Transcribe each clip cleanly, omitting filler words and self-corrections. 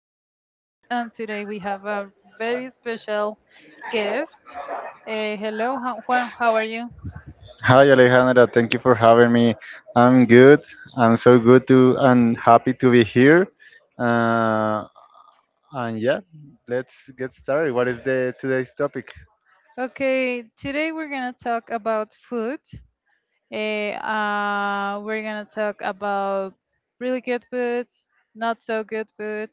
I'm your host, and today we have a very special guest. Hello, Juan. How are you? Hi Alejandra, thank you for having me. I'm good. I'm so good to and happy to be here. Uh, and yeah, let's get started. What is the today's topic? Okay, today we're gonna talk about food. We're gonna talk about really good foods, not so good food.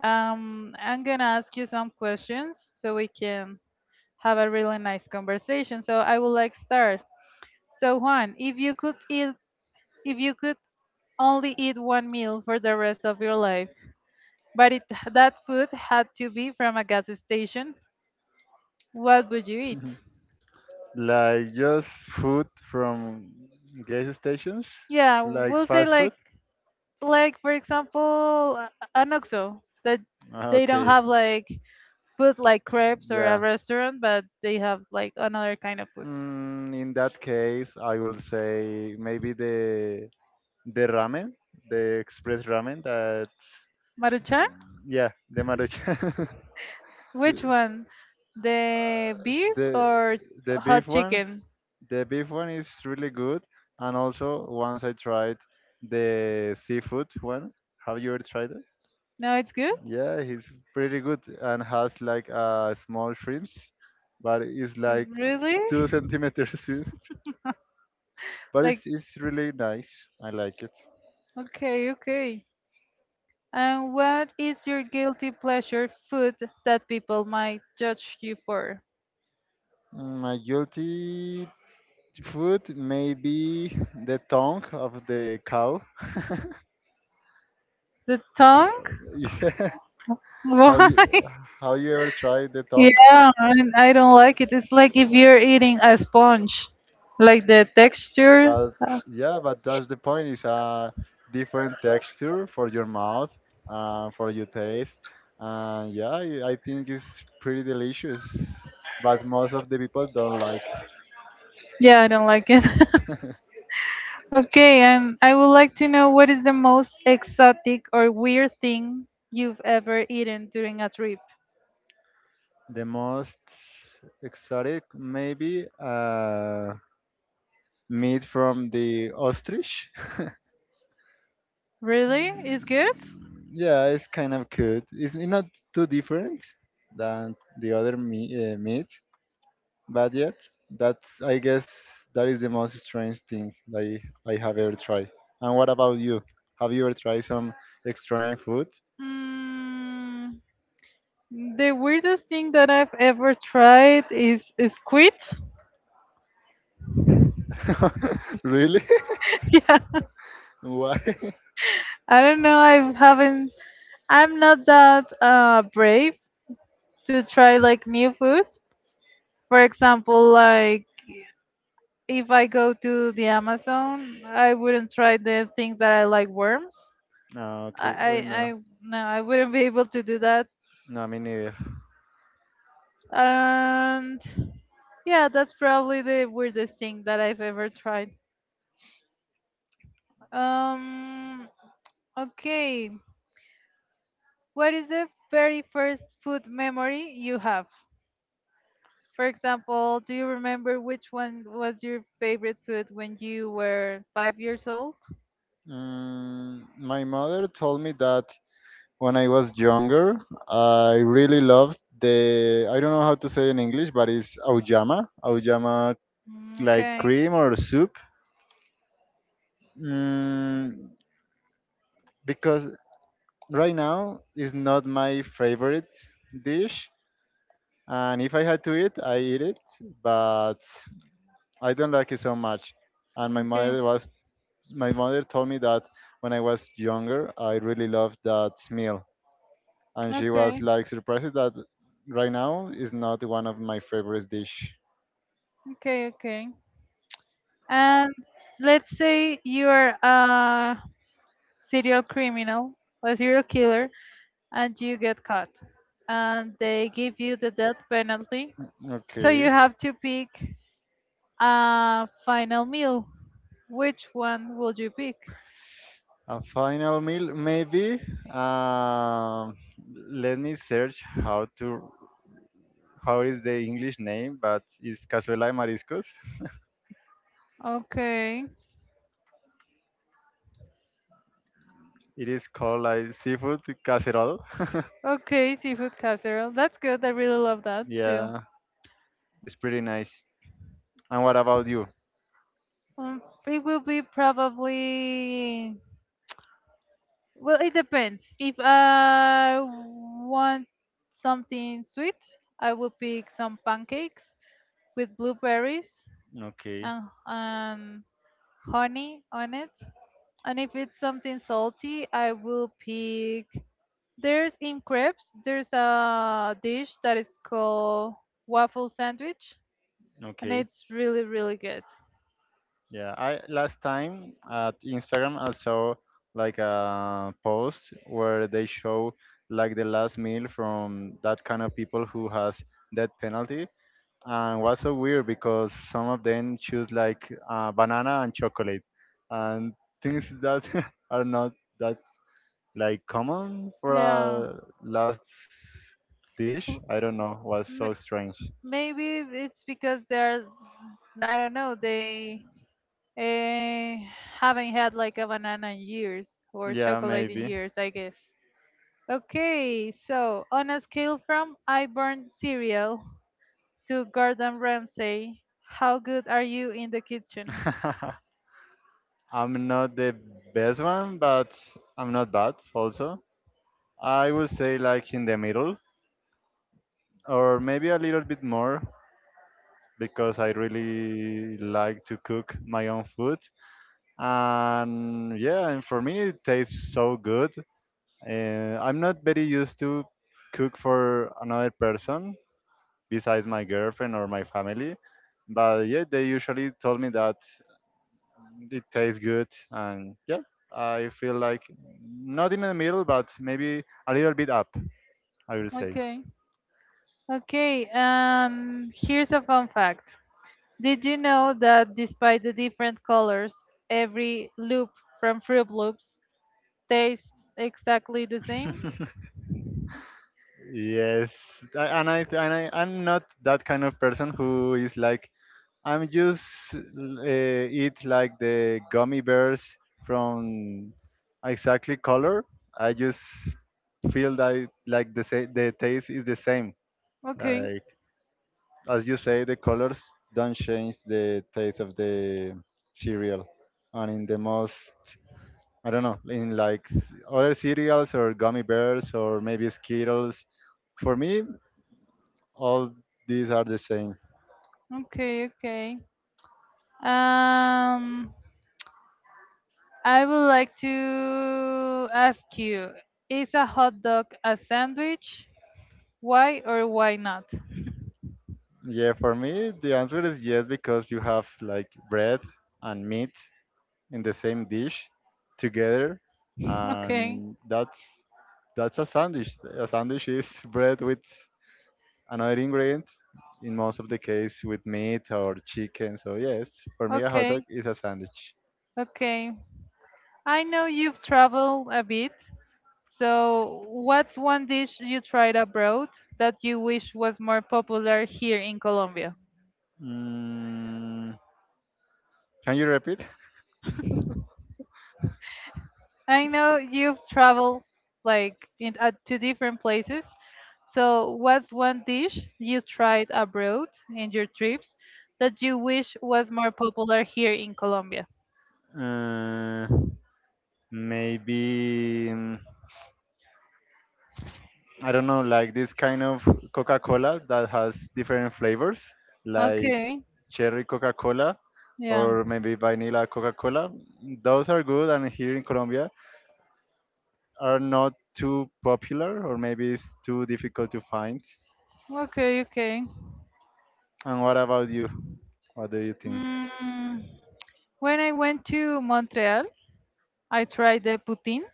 I'm gonna ask you some questions so we can have a really nice conversation. So I would like start. So Juan, if you could only eat one meal for the rest of your life, but if that food had to be from a gas station, what would you eat? Like just food from gas stations, Yeah, like we'll say fast like food. For example an OXXO that they don't Okay, have like food like crepes or a yeah. restaurant, but they have like another kind of food. In that case, I will say maybe the ramen, the express ramen Maruchan? yeah, the maruchan. Which the, one? The uh, beef the or the beef hot one, chicken? the beef one is really good. And also, once I tried the seafood one. Have you ever tried it? No, it's good. Yeah, it's pretty good and has like small shrimps, but it's like Really? two centimeters shrimp. But Like, it's really nice. I like it. okay, okay. And what is your guilty pleasure food that people might judge you for? My guilty food maybe the tongue of the cow. The tongue? Yeah. How you Why? how you ever tried the tongue? Yeah, and I don't like it. It's like if you're eating a sponge, like the texture. But uh, yeah, but that's the point. It's a different texture for your mouth, for your taste. Yeah, I think it's pretty delicious. But most of the people don't like Yeah, I don't like it. Okay, and I would like to know what is the most exotic or weird thing you've ever eaten during a trip? the most exotic maybe meat from the ostrich. Really? Is good? Yeah, it's kind of good. It's not too different than the other meat, meat, but yet that's I guess that is the most strange thing that I have ever tried. And what about you? Have you ever tried some strange food? Mm, the weirdest thing that I've ever tried is squid. Really? Yeah, Why? I don't know. I haven't. I'm not that brave to try like new food. For example, like if I go to the Amazon, I wouldn't try the things that I like worms. No, I, okay. Oh, no, I No, I wouldn't be able to do that. no, me neither. And yeah, that's probably the weirdest thing that I've ever tried. Um, okay, what is the very first food memory you have? For example, do you remember which one was your favorite food when you were 5 years old? My mother told me that when I was younger, I really loved the I don't know how to say in English, but it's auyama, auyama Mm, like okay, cream or soup. Mm, because right now it's not my favorite dish, and if I had to eat, I eat it, but I don't like it so much. And my okay, mother was My mother told me that when I was younger, I really loved that meal. And she was okay, like surprised that right now is not one of my favorite dish. okay, okay. And let's say you're a serial criminal a serial killer and you get caught and they give you the death penalty. So Okay. you have to pick a final meal. Which one would you pick? A final meal, maybe. Um, Let me search how to how is the English name, but it's cazuela de mariscos. Okay. It is called like seafood casserole. Okay, seafood casserole. That's good. I really love that too. Yeah, it's pretty nice. And what about you? It will be probably. Well, it depends. If I want something sweet, I will pick some pancakes with blueberries Okay, and honey on it. And if it's something salty, I will pick. There's in crepes, there's a dish that is called waffle sandwich, and okay. it's really, really good. Yeah, I last time at Instagram I saw like a post where they show like the last meal from that kind of people who has death penalty, and was so weird because some of them choose like banana and chocolate, and things that are not that like common for Yeah. a last dish. Well, I don't know, was so strange. maybe it's because I don't know, they uh, haven't had like a banana in years or Yeah, chocolate in maybe. years, I guess. Okay, so on a scale from I burn cereal to Gordon Ramsay, how good are you in the kitchen? I'm not the best one, but I'm not bad also. I would say like in the middle or maybe a little bit more because I really like to cook my own food. And yeah, and for me it tastes so good. I'm not very used to cook for another person besides my girlfriend or my family. But yeah, they usually told me that it tastes good, and yeah, I feel like not in the middle, but maybe a little bit up. I will say. Okay, okay, here's a fun fact. Did you know that despite the different colors, every loop from Fruit Loops tastes exactly the same? Yes, I- and I and I I'm not that kind of person who is like I'm just uh, eat like the gummy bears from exactly color. I just feel that like the taste is the same. Okay, Like, as you say, the colors don't change the taste of the cereal. And in the most, I don't know, in like other cereals or gummy bears or maybe Skittles, for me, all these are the same. okay, okay. Um, I would like to ask you, is a hot dog a sandwich? Why or why not? Yeah, for me, the answer is yes because you have like bread and meat in the same dish together, Okay, and that's a sandwich. A sandwich is bread with another ingredient in most of the case with meat or chicken. So yes, for me a hot dog okay, is a sandwich. okay. I know you've traveled a bit, so what's one dish you tried abroad that you wish was more popular here in Colombia? Mm, can you repeat? I know you've traveled like in to different places. So, what's one dish you tried abroad in your trips that you wish was more popular here in Colombia? Uh, maybe, I don't know, like this kind of Coca-Cola that has different flavors, like Okay, cherry Coca-Cola yeah. or maybe vanilla Coca-Cola. Those are good, and here in Colombia are not too popular, or maybe it's too difficult to find. Okay, okay. And what about you? What do you think? Mm, when I went to Montreal, I tried the poutine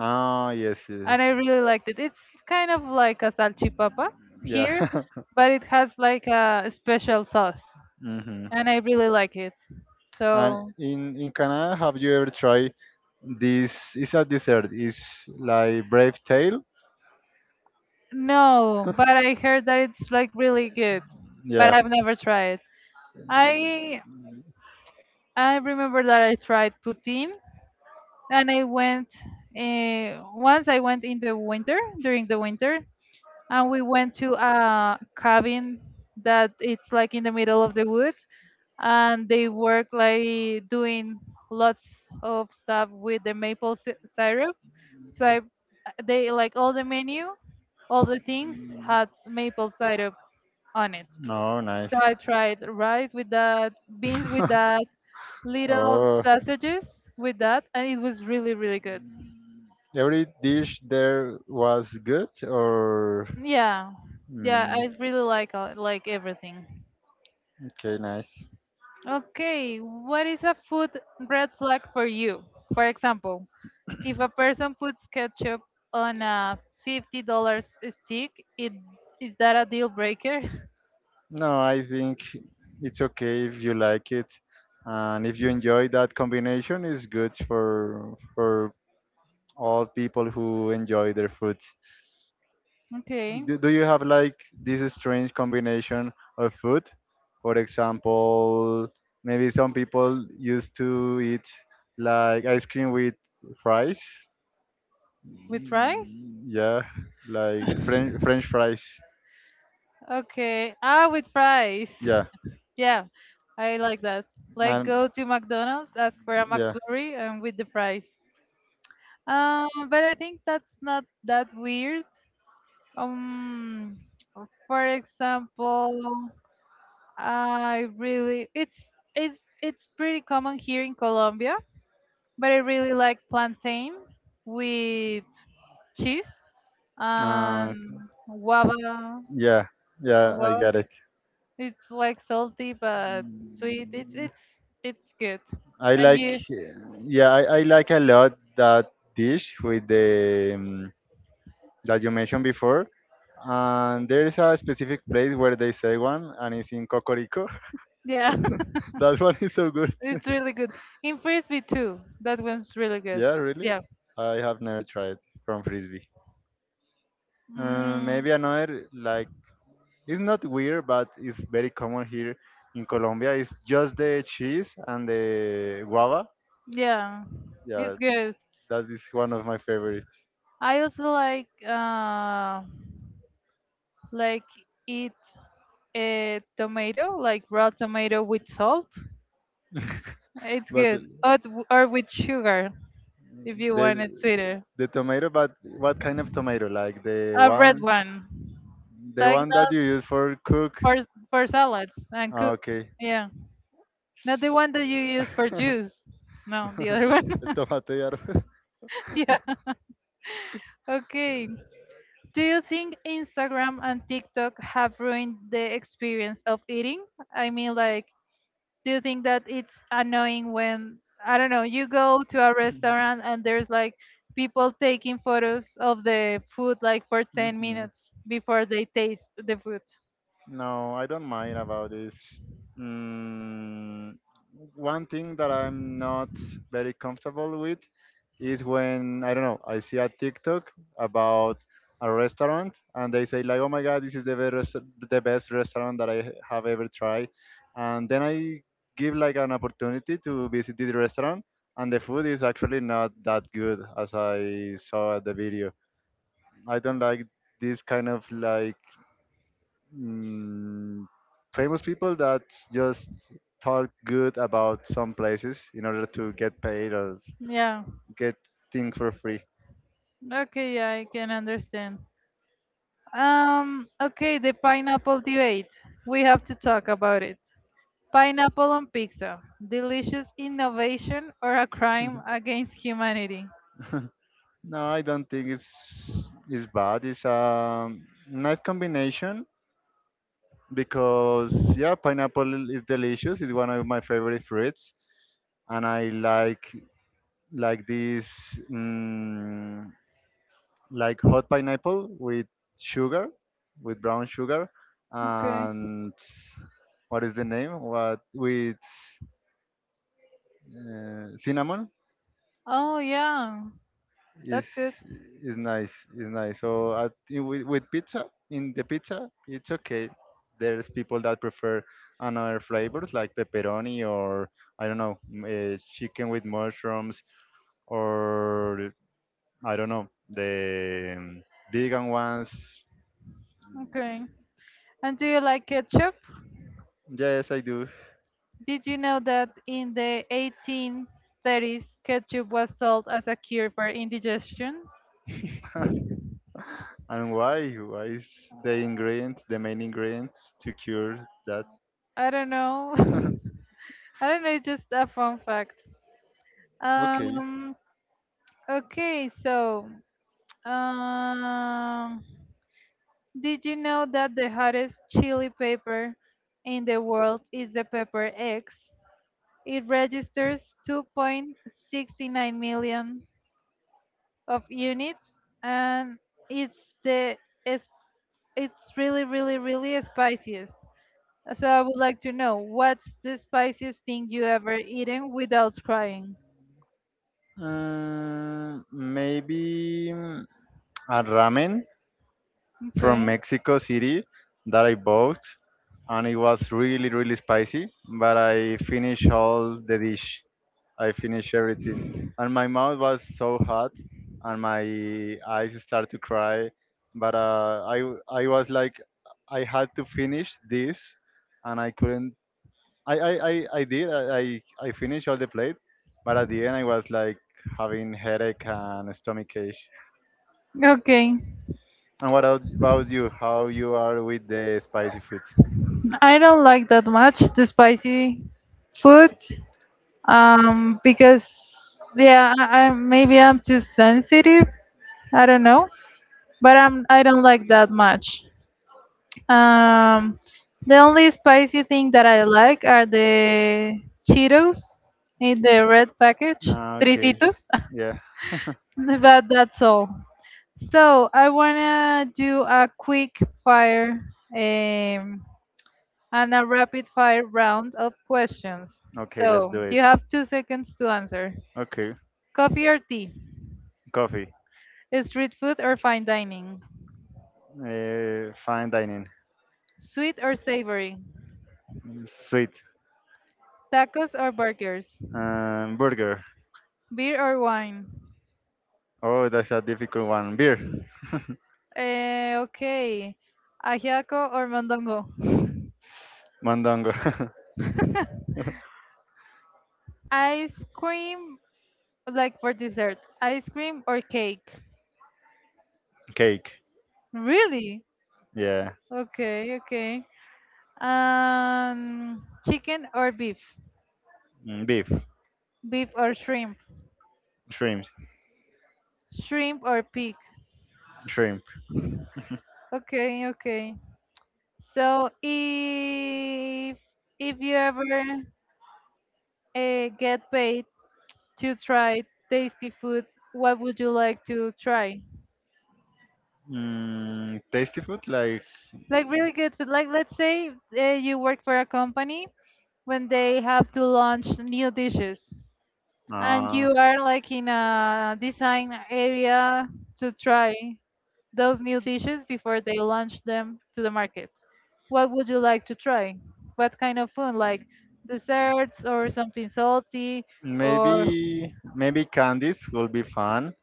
Ah, yes, yes. and I really liked it. It's kind of like a salchipapa Yeah. here, but it has like a special sauce Hmm. and I really like it. And So in Canada, have you ever tried this? It's a dessert. It's like brave tail. no, but I heard that it's like really good, but Yeah. I've never tried. I I remember that I tried poutine and I went once I went in the winter during the winter and we went to a cabin that it's like in the middle of the woods and they work like doing lots of stuff with the maple syrup. So I, they like all the menu all the things had maple syrup on it. Oh, nice. So I tried rice with that, beans with that, little Oh, sausages with that, and it was really, really good. every dish there was good or Yeah, yeah, mm, I really like everything. okay, nice. Okay, what is a food red flag for you? For example, if a person puts ketchup on a $50 stick, it is that a deal breaker? No, I think it's okay if you like it, and if you enjoy that combination, it's good for all people who enjoy their food. Okay, Do you have like this strange combination of food? For example, maybe some people used to eat like ice cream with fries. with fries? Yeah, like French fries. Okay, ah, with fries. Yeah, Yeah, I like that. Like and go to McDonald's, ask for a yeah, McFlurry, and with the fries. But I think that's not that weird. Um, for example, I really it's it's pretty common here in Colombia, but I really like plantain with cheese and uh, guava. yeah, Or yeah. I guava. get it. It's like salty but sweet. It's it's good. I And like, you yeah, I like a lot that dish with the that you mentioned before. And there is a specific place where they say one, and it's in Cocorico. yeah, That one is so good. it's really good. In Frisbee too, that one's really good. Yeah, really. Yeah. I have never tried from Frisbee. Mm, Maybe another like it's not weird, but it's very common here in Colombia. It's just the cheese and the guava. yeah, it's Yeah, good. that is one of my favorites. I also like eat a tomato, like raw tomato with salt. It's But good. Or, or with sugar if you The want it sweeter. the tomato, but what kind of tomato? Like A red one. the Like one that that you use for cook? for salads and Ah, cook. okay. Yeah. Not the one that you use for juice. No, the other one. El tomate de árbol. Yeah. Okay. Do you think Instagram and TikTok have ruined the experience of eating? I mean, like, do you think that it's annoying when, I don't know, you go to a restaurant and there's like people taking photos of the food like for 10 minutes before they taste the food? No, I don't mind about this. Mm, One thing that I'm not very comfortable with is when, I don't know, I see a TikTok about a restaurant and they say like, "Oh my God, this is the the best restaurant that I have ever tried." And then I give like an opportunity to visit this restaurant and the food is actually not that good as I saw at the video. I don't like this kind of like mm, famous people that just talk good about some places in order to get paid or Yeah. get things for free. Okay, yeah, I can understand. Okay, the pineapple debate. We have to talk about it. Pineapple on pizza, delicious innovation or a crime against humanity? No, I don't think it's bad. It's a nice combination because yeah, pineapple is delicious. It's one of my favorite fruits, and I like this. mm like hot pineapple with sugar, with brown sugar, Okay. and what is the name? What with cinnamon Oh, yeah, is that's good. is nice. Is nice. So I with pizza in the pizza, it's okay. There's people that prefer another flavors like pepperoni or I don't know chicken with mushrooms or I don't know the vegan ones. Okay. And do you like ketchup? Yes, I do. Did you know that in the 1830s, ketchup was sold as a cure for indigestion? And why? Why is the ingredient, the main ingredient, to cure that? I don't know. I don't know, it's just a fun fact. Okay. Um, okay, so, um, Did you know that the hottest chili pepper in the world is the pepper X? It registers 2.69 million of units and it's the it's, it's really really really spiciest. So I would like to know what's the spiciest thing you ever eaten without crying? Maybe a ramen from Okay. Mexico City that I bought, and it was really, really spicy, but I finished all the dish. I finished everything. And my mouth was so hot and my eyes started to cry. But I was like, I had to finish this and I couldn't. I did. I finished all the plate. But at the end, I was like having headache and stomach ache. Okay. And what about you? How you are with the spicy food? I don't like that much the spicy food. Because yeah I maybe I'm too sensitive. I don't know, but I don't like that much. um the only spicy thing that I like are the cheetos in the red package Ah, okay. tricitos. Yeah. But that's all. So I wanna do a quick fire um and a rapid fire round of questions Okay, let's so do you it. have 2 seconds to answer. Okay, Coffee or tea? coffee. Street food or fine dining? Fine dining. Sweet or savory? Sweet. Tacos or burgers? Burger. Beer or wine? Oh, that's a difficult one. Beer. Eh, okay. Ajiaco or mondongo? Mondongo. Ice cream, like for dessert. Ice cream or cake? Cake. Really? Yeah. Okay, okay. Chicken or beef? Beef. Beef or shrimp? Shrimp. Shrimp or pig? Shrimp. Okay, okay. So if you ever get paid to try tasty food, what would you like to try? Tasty food like Like really good food. Like let's say you work for a company when they have to launch new dishes, and uh, you are like in a design area to try those new dishes before they launch them to the market. What would you like to try? What kind of food? Like desserts or something salty or maybe candies will be fun.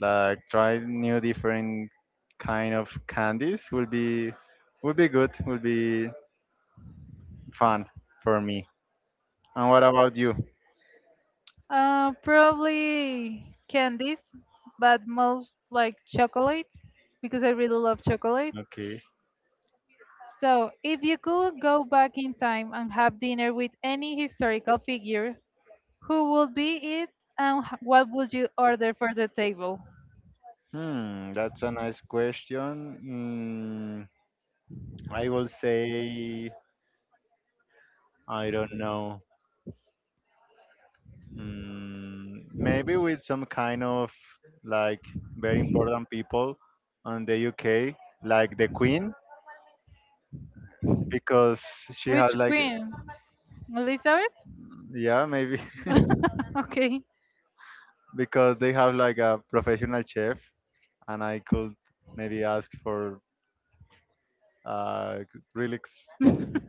Like try new different kind of candies will be good. Will be fun for me. And what about you? Probably candies, but most like chocolates because I really love chocolate. Okay. So, if you could go back in time and have dinner with any historical figure, who would be it and what would you order for the table? Hmm, that's a nice question. Mm, I will say I don't know. Maybe with some kind of like very important people on the UK, like the Queen. because she has Which like queen? Elizabeth? yeah maybe. Okay, Because they have like a professional chef and I could maybe ask for a really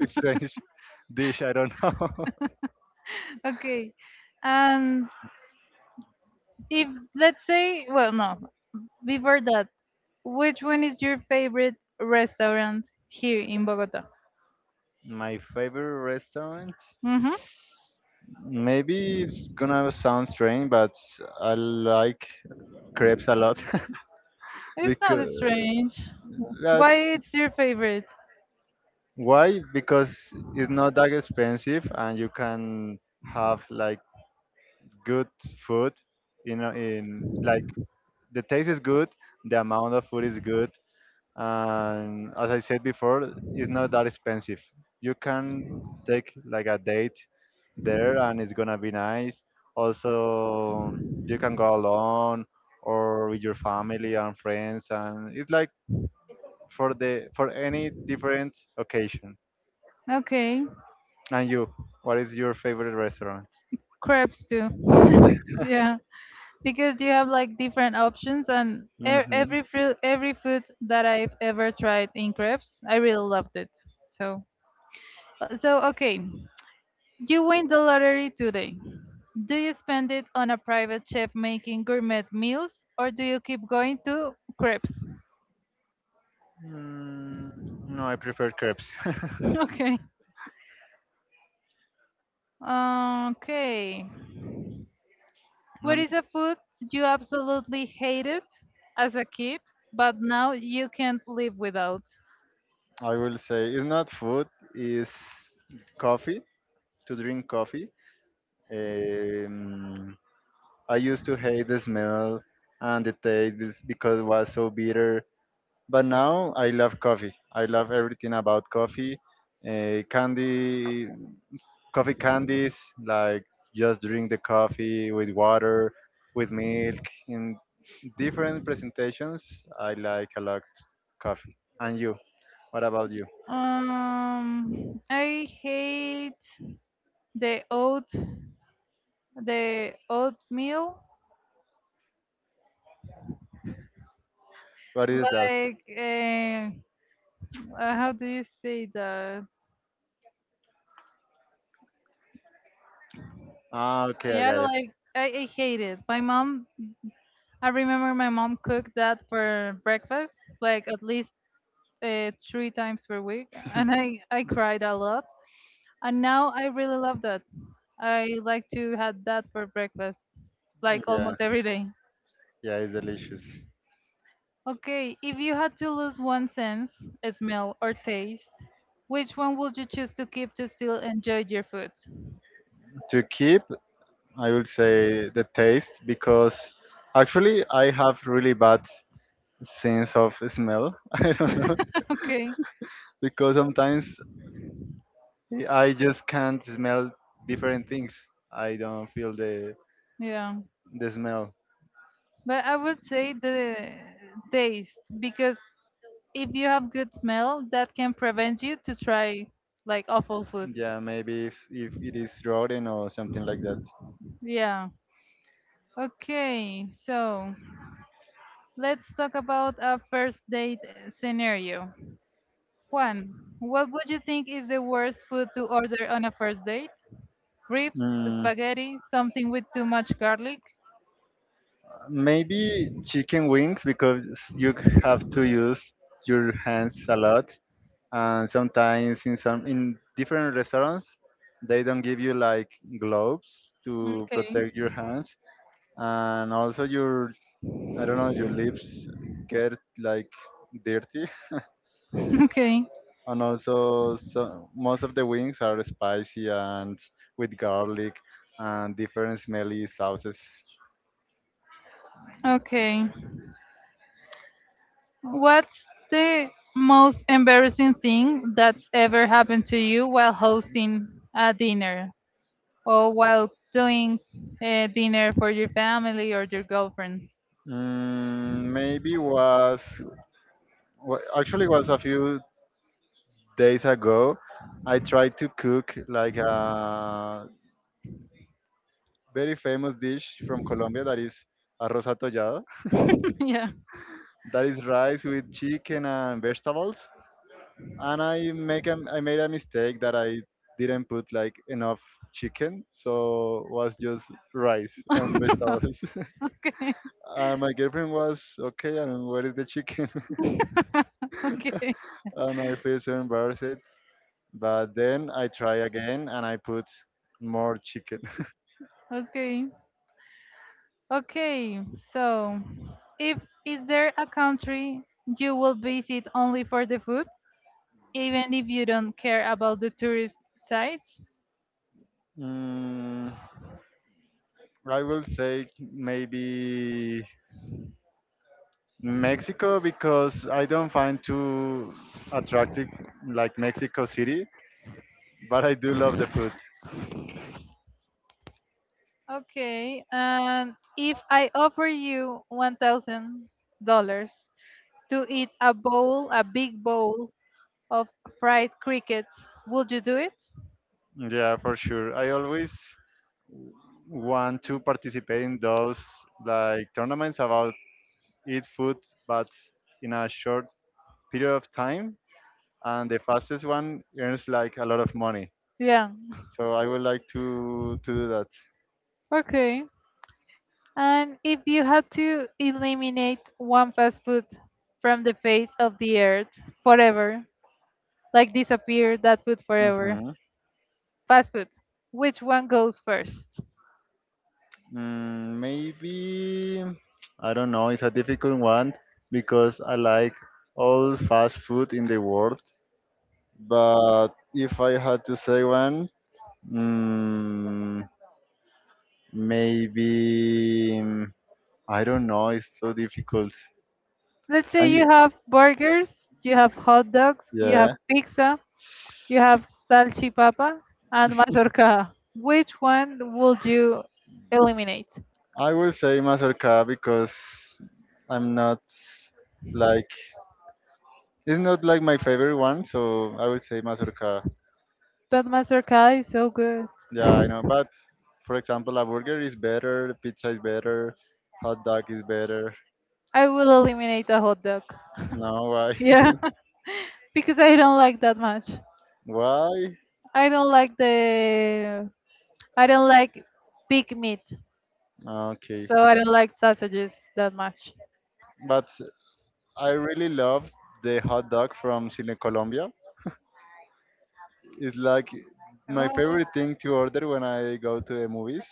strange dish I don't know. okay. And if, let's say, well, no, before that, which one is your favorite restaurant here in Bogota? My favorite restaurant Mm-hmm. maybe it's gonna sound strange but I like crepes a lot. It's Because not strange. Why that's it's your favorite? why because it's not that expensive and you can have like good food you know in like the taste is good, the amount of food is good, and as I said before, it's not that expensive. You can take like a date there, and it's gonna be nice. Also, you can go alone or with your family and friends, and it's like for any different occasion. Okay, And you, what is your favorite restaurant? crepes too. Yeah, because you have like different options and Mm-hmm. every fruit, every food that I've ever tried in crepes, I really loved it. So, okay, you win the lottery today. Do you spend it on a private chef making gourmet meals, or do you keep going to crepes? Mm, no, I prefer crepes. Okay. Okay. What I'm is a food you absolutely hated as a kid, but now you can't live without? I will say it's not food, it's coffee, to drink coffee. Um, I used to hate the smell and the taste because it was so bitter, but now I love coffee. I love everything about coffee. Candy, coffee candies, like just drink the coffee with water, with milk, in different presentations. I like a lot coffee. And you, what about you? I hate the oat, the oatmeal. What is that? Like, how do you say that? Ah, okay, I Yeah, got it. like I hate it. My mom, I remember my mom cooked that for breakfast, like at least three times per week, and I I cried a lot. And now I really love that. I like to have that for breakfast, like Yeah, almost every day. yeah, it's delicious. Okay, if you had to lose one sense, smell, or taste, which one would you choose to keep to still enjoy your food? To keep, I will say the taste because actually I have really bad sense of smell. I don't know Okay, because sometimes I just can't smell different things. I don't feel yeah. the smell. But I would say the taste, because if you have good smell, that can prevent you to try like awful food. Yeah, maybe if it is rotten or something like that. Yeah. Okay, so let's talk about a first date scenario. Juan, what would you think is the worst food to order on a first date? Ribs, Mm, spaghetti, something with too much garlic? maybe chicken wings because have to use your hands a lot and sometimes in different restaurants they don't give you like gloves to Okay, protect your hands and also your I don't know your lips get like dirty okay, and also most of the wings are spicy and with garlic and different smelly sauces. okay. What's the most embarrassing thing that's ever happened to you while hosting a dinner or while doing a dinner for your family or your girlfriend? Maybe actually was a few days ago. I tried to cook like a very famous dish from Colombia that is arroz atollado. Yeah. That is rice with chicken and vegetables and I made a mistake that I didn't put like enough chicken, so was just rice and vegetables. Okay. And my girlfriend was okay. And where is the chicken? Okay. And I feel so embarrassed. But then I try again and I put more chicken. Okay. Okay, so if is there a country you will visit only for the food, even if you don't care about the tourist sites? Mm, I will say maybe Mexico because I don't find too attractive like Mexico City, but I do love the food. Okay, and if I offer you $1,000 to eat a bowl, a big bowl of fried crickets, would you do it? Yeah, for sure. I always w- want to participate in those like tournaments about eat food, but in a short period of time, and the fastest one earns like a lot of money. Yeah. So I would like to do that. Okay. And if you had to eliminate one fast food from the face of the earth forever, like disappear that food forever. Hmm. Fast food. Which one goes first? Maybe I don't know. It's a difficult one because I like all fast food in the world. But if I had to say one, mm, maybe mm, I don't know. It's so difficult. Let's say Can you you? have burgers, you have hot dogs, you have Yeah, pizza, you have salchipapa, and mazorca. Which one would you eliminate? I will say Mazorca because I'm not like it's not like my favorite one. So I would say Mazorca. But mazorca is so good. Yeah, I know. But for example, a burger is better. Pizza is better. Hot dog is better. I will eliminate a hot dog. No, why? Yeah, because I don't like that much. Why? I don't like the I don't like pig meat, Okay. so I don't like sausages that much. But I really love the hot dog from Cine Colombia. It's like my favorite thing to order when I go to the movies.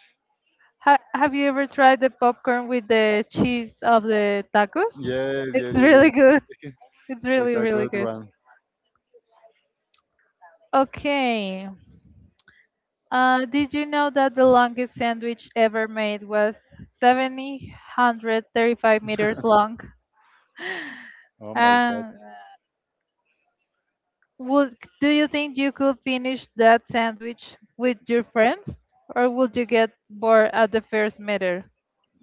Have you ever tried the popcorn with the cheese of the tacos? Yes, It's yes, yes, yes. really good. It's It's really, a really good good. one. Okay. Did you know that the longest sandwich ever made was 735 meters long? Oh my God. And would do you think you could finish that sandwich with your friends, or would you get bored at the first meter?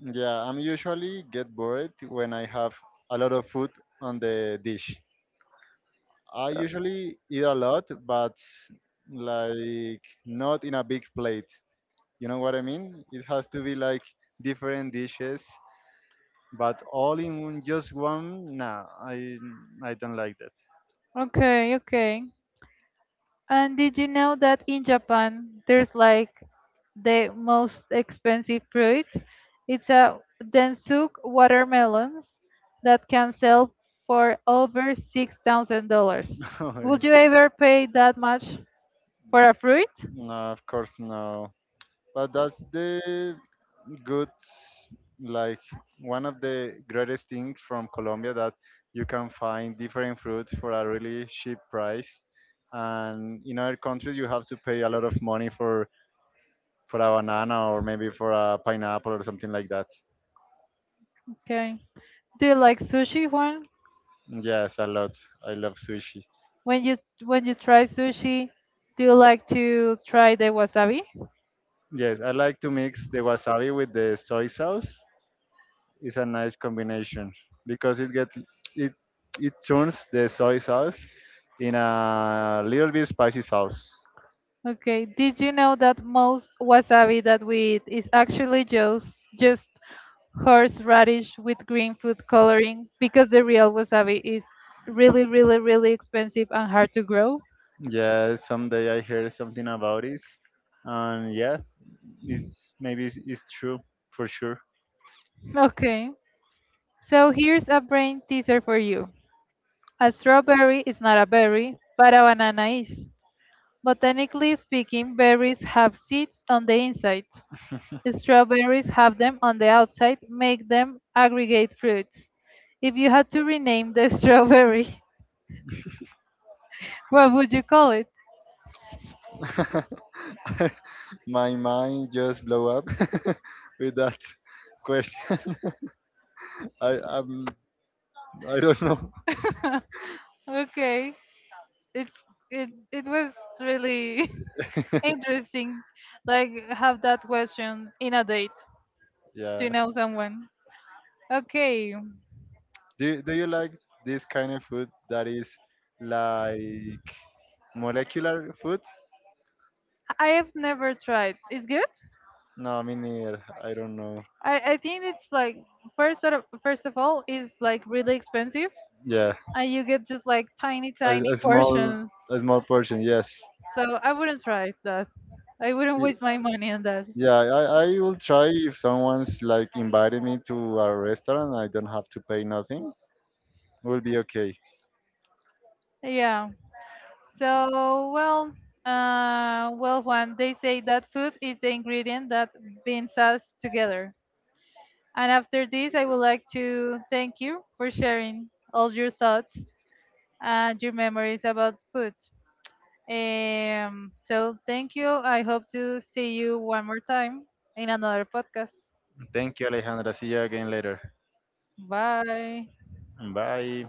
Yeah, I'm usually get bored when I have a lot of food on the dish. I Uh, usually eat a lot, but like not in a big plate. You know what I mean? It has to be like different dishes, but all in one- just one. Nah, I don't like Okay, okay. And did you know that in Japan there's like the most expensive fruit? It's a Densuk watermelons that can sell for over $6,000. that. Would you ever pay that much for a fruit? No, of course no. But that's the good, like one of the greatest things from Colombia that you can find different fruits for a really cheap price. And in other countries, you have to pay a lot of money for a banana or maybe for a pineapple or something like that. Okay. Do you like sushi, Juan? Yes, a lot. I love sushi. When you when you try sushi, do you like to try the wasabi? Yes, I like to mix the wasabi with the soy sauce is a nice combination because it gets it it turns the soy sauce in a little bit spicy sauce. Okay, did you know that most wasabi that we eat is actually just horseradish with green food coloring because the real wasabi is really, really, really expensive and hard to grow? Yeah, someday I heard something about it, and yeah, it's true for sure. Okay, so here's a brain teaser for you. A strawberry is not a berry, but a banana is. Botanically speaking, berries have seeds on the inside. Strawberries have them on the outside, make them aggregate fruits. If you had to rename the strawberry, what would you call it? My mind just blew up with that question. I I'm, I don't know. Okay, it's it was really interesting, like have that question in a date to Yeah. know someone. Okay, Do you like this kind of food that is like molecular food. I have never tried. It's good. No, me neither. I don't know. I think it's like first of all is like really expensive, Yeah, and you get just like tiny a, tiny a small, portions. a small portion. Yes. So I wouldn't try that. I wouldn't Y- waste my money on that. Yeah, I will try if someone's like invited me to a restaurant. I don't have to pay nothing. Will be okay. Yeah. So well, well, Juan, they say that food is the ingredient that binds us together. And after this, I would like to thank you for sharing all your thoughts and your memories about food. So thank you. I hope to see you one more time in another podcast. Thank you, Alejandra. See you again later. Bye. Bye.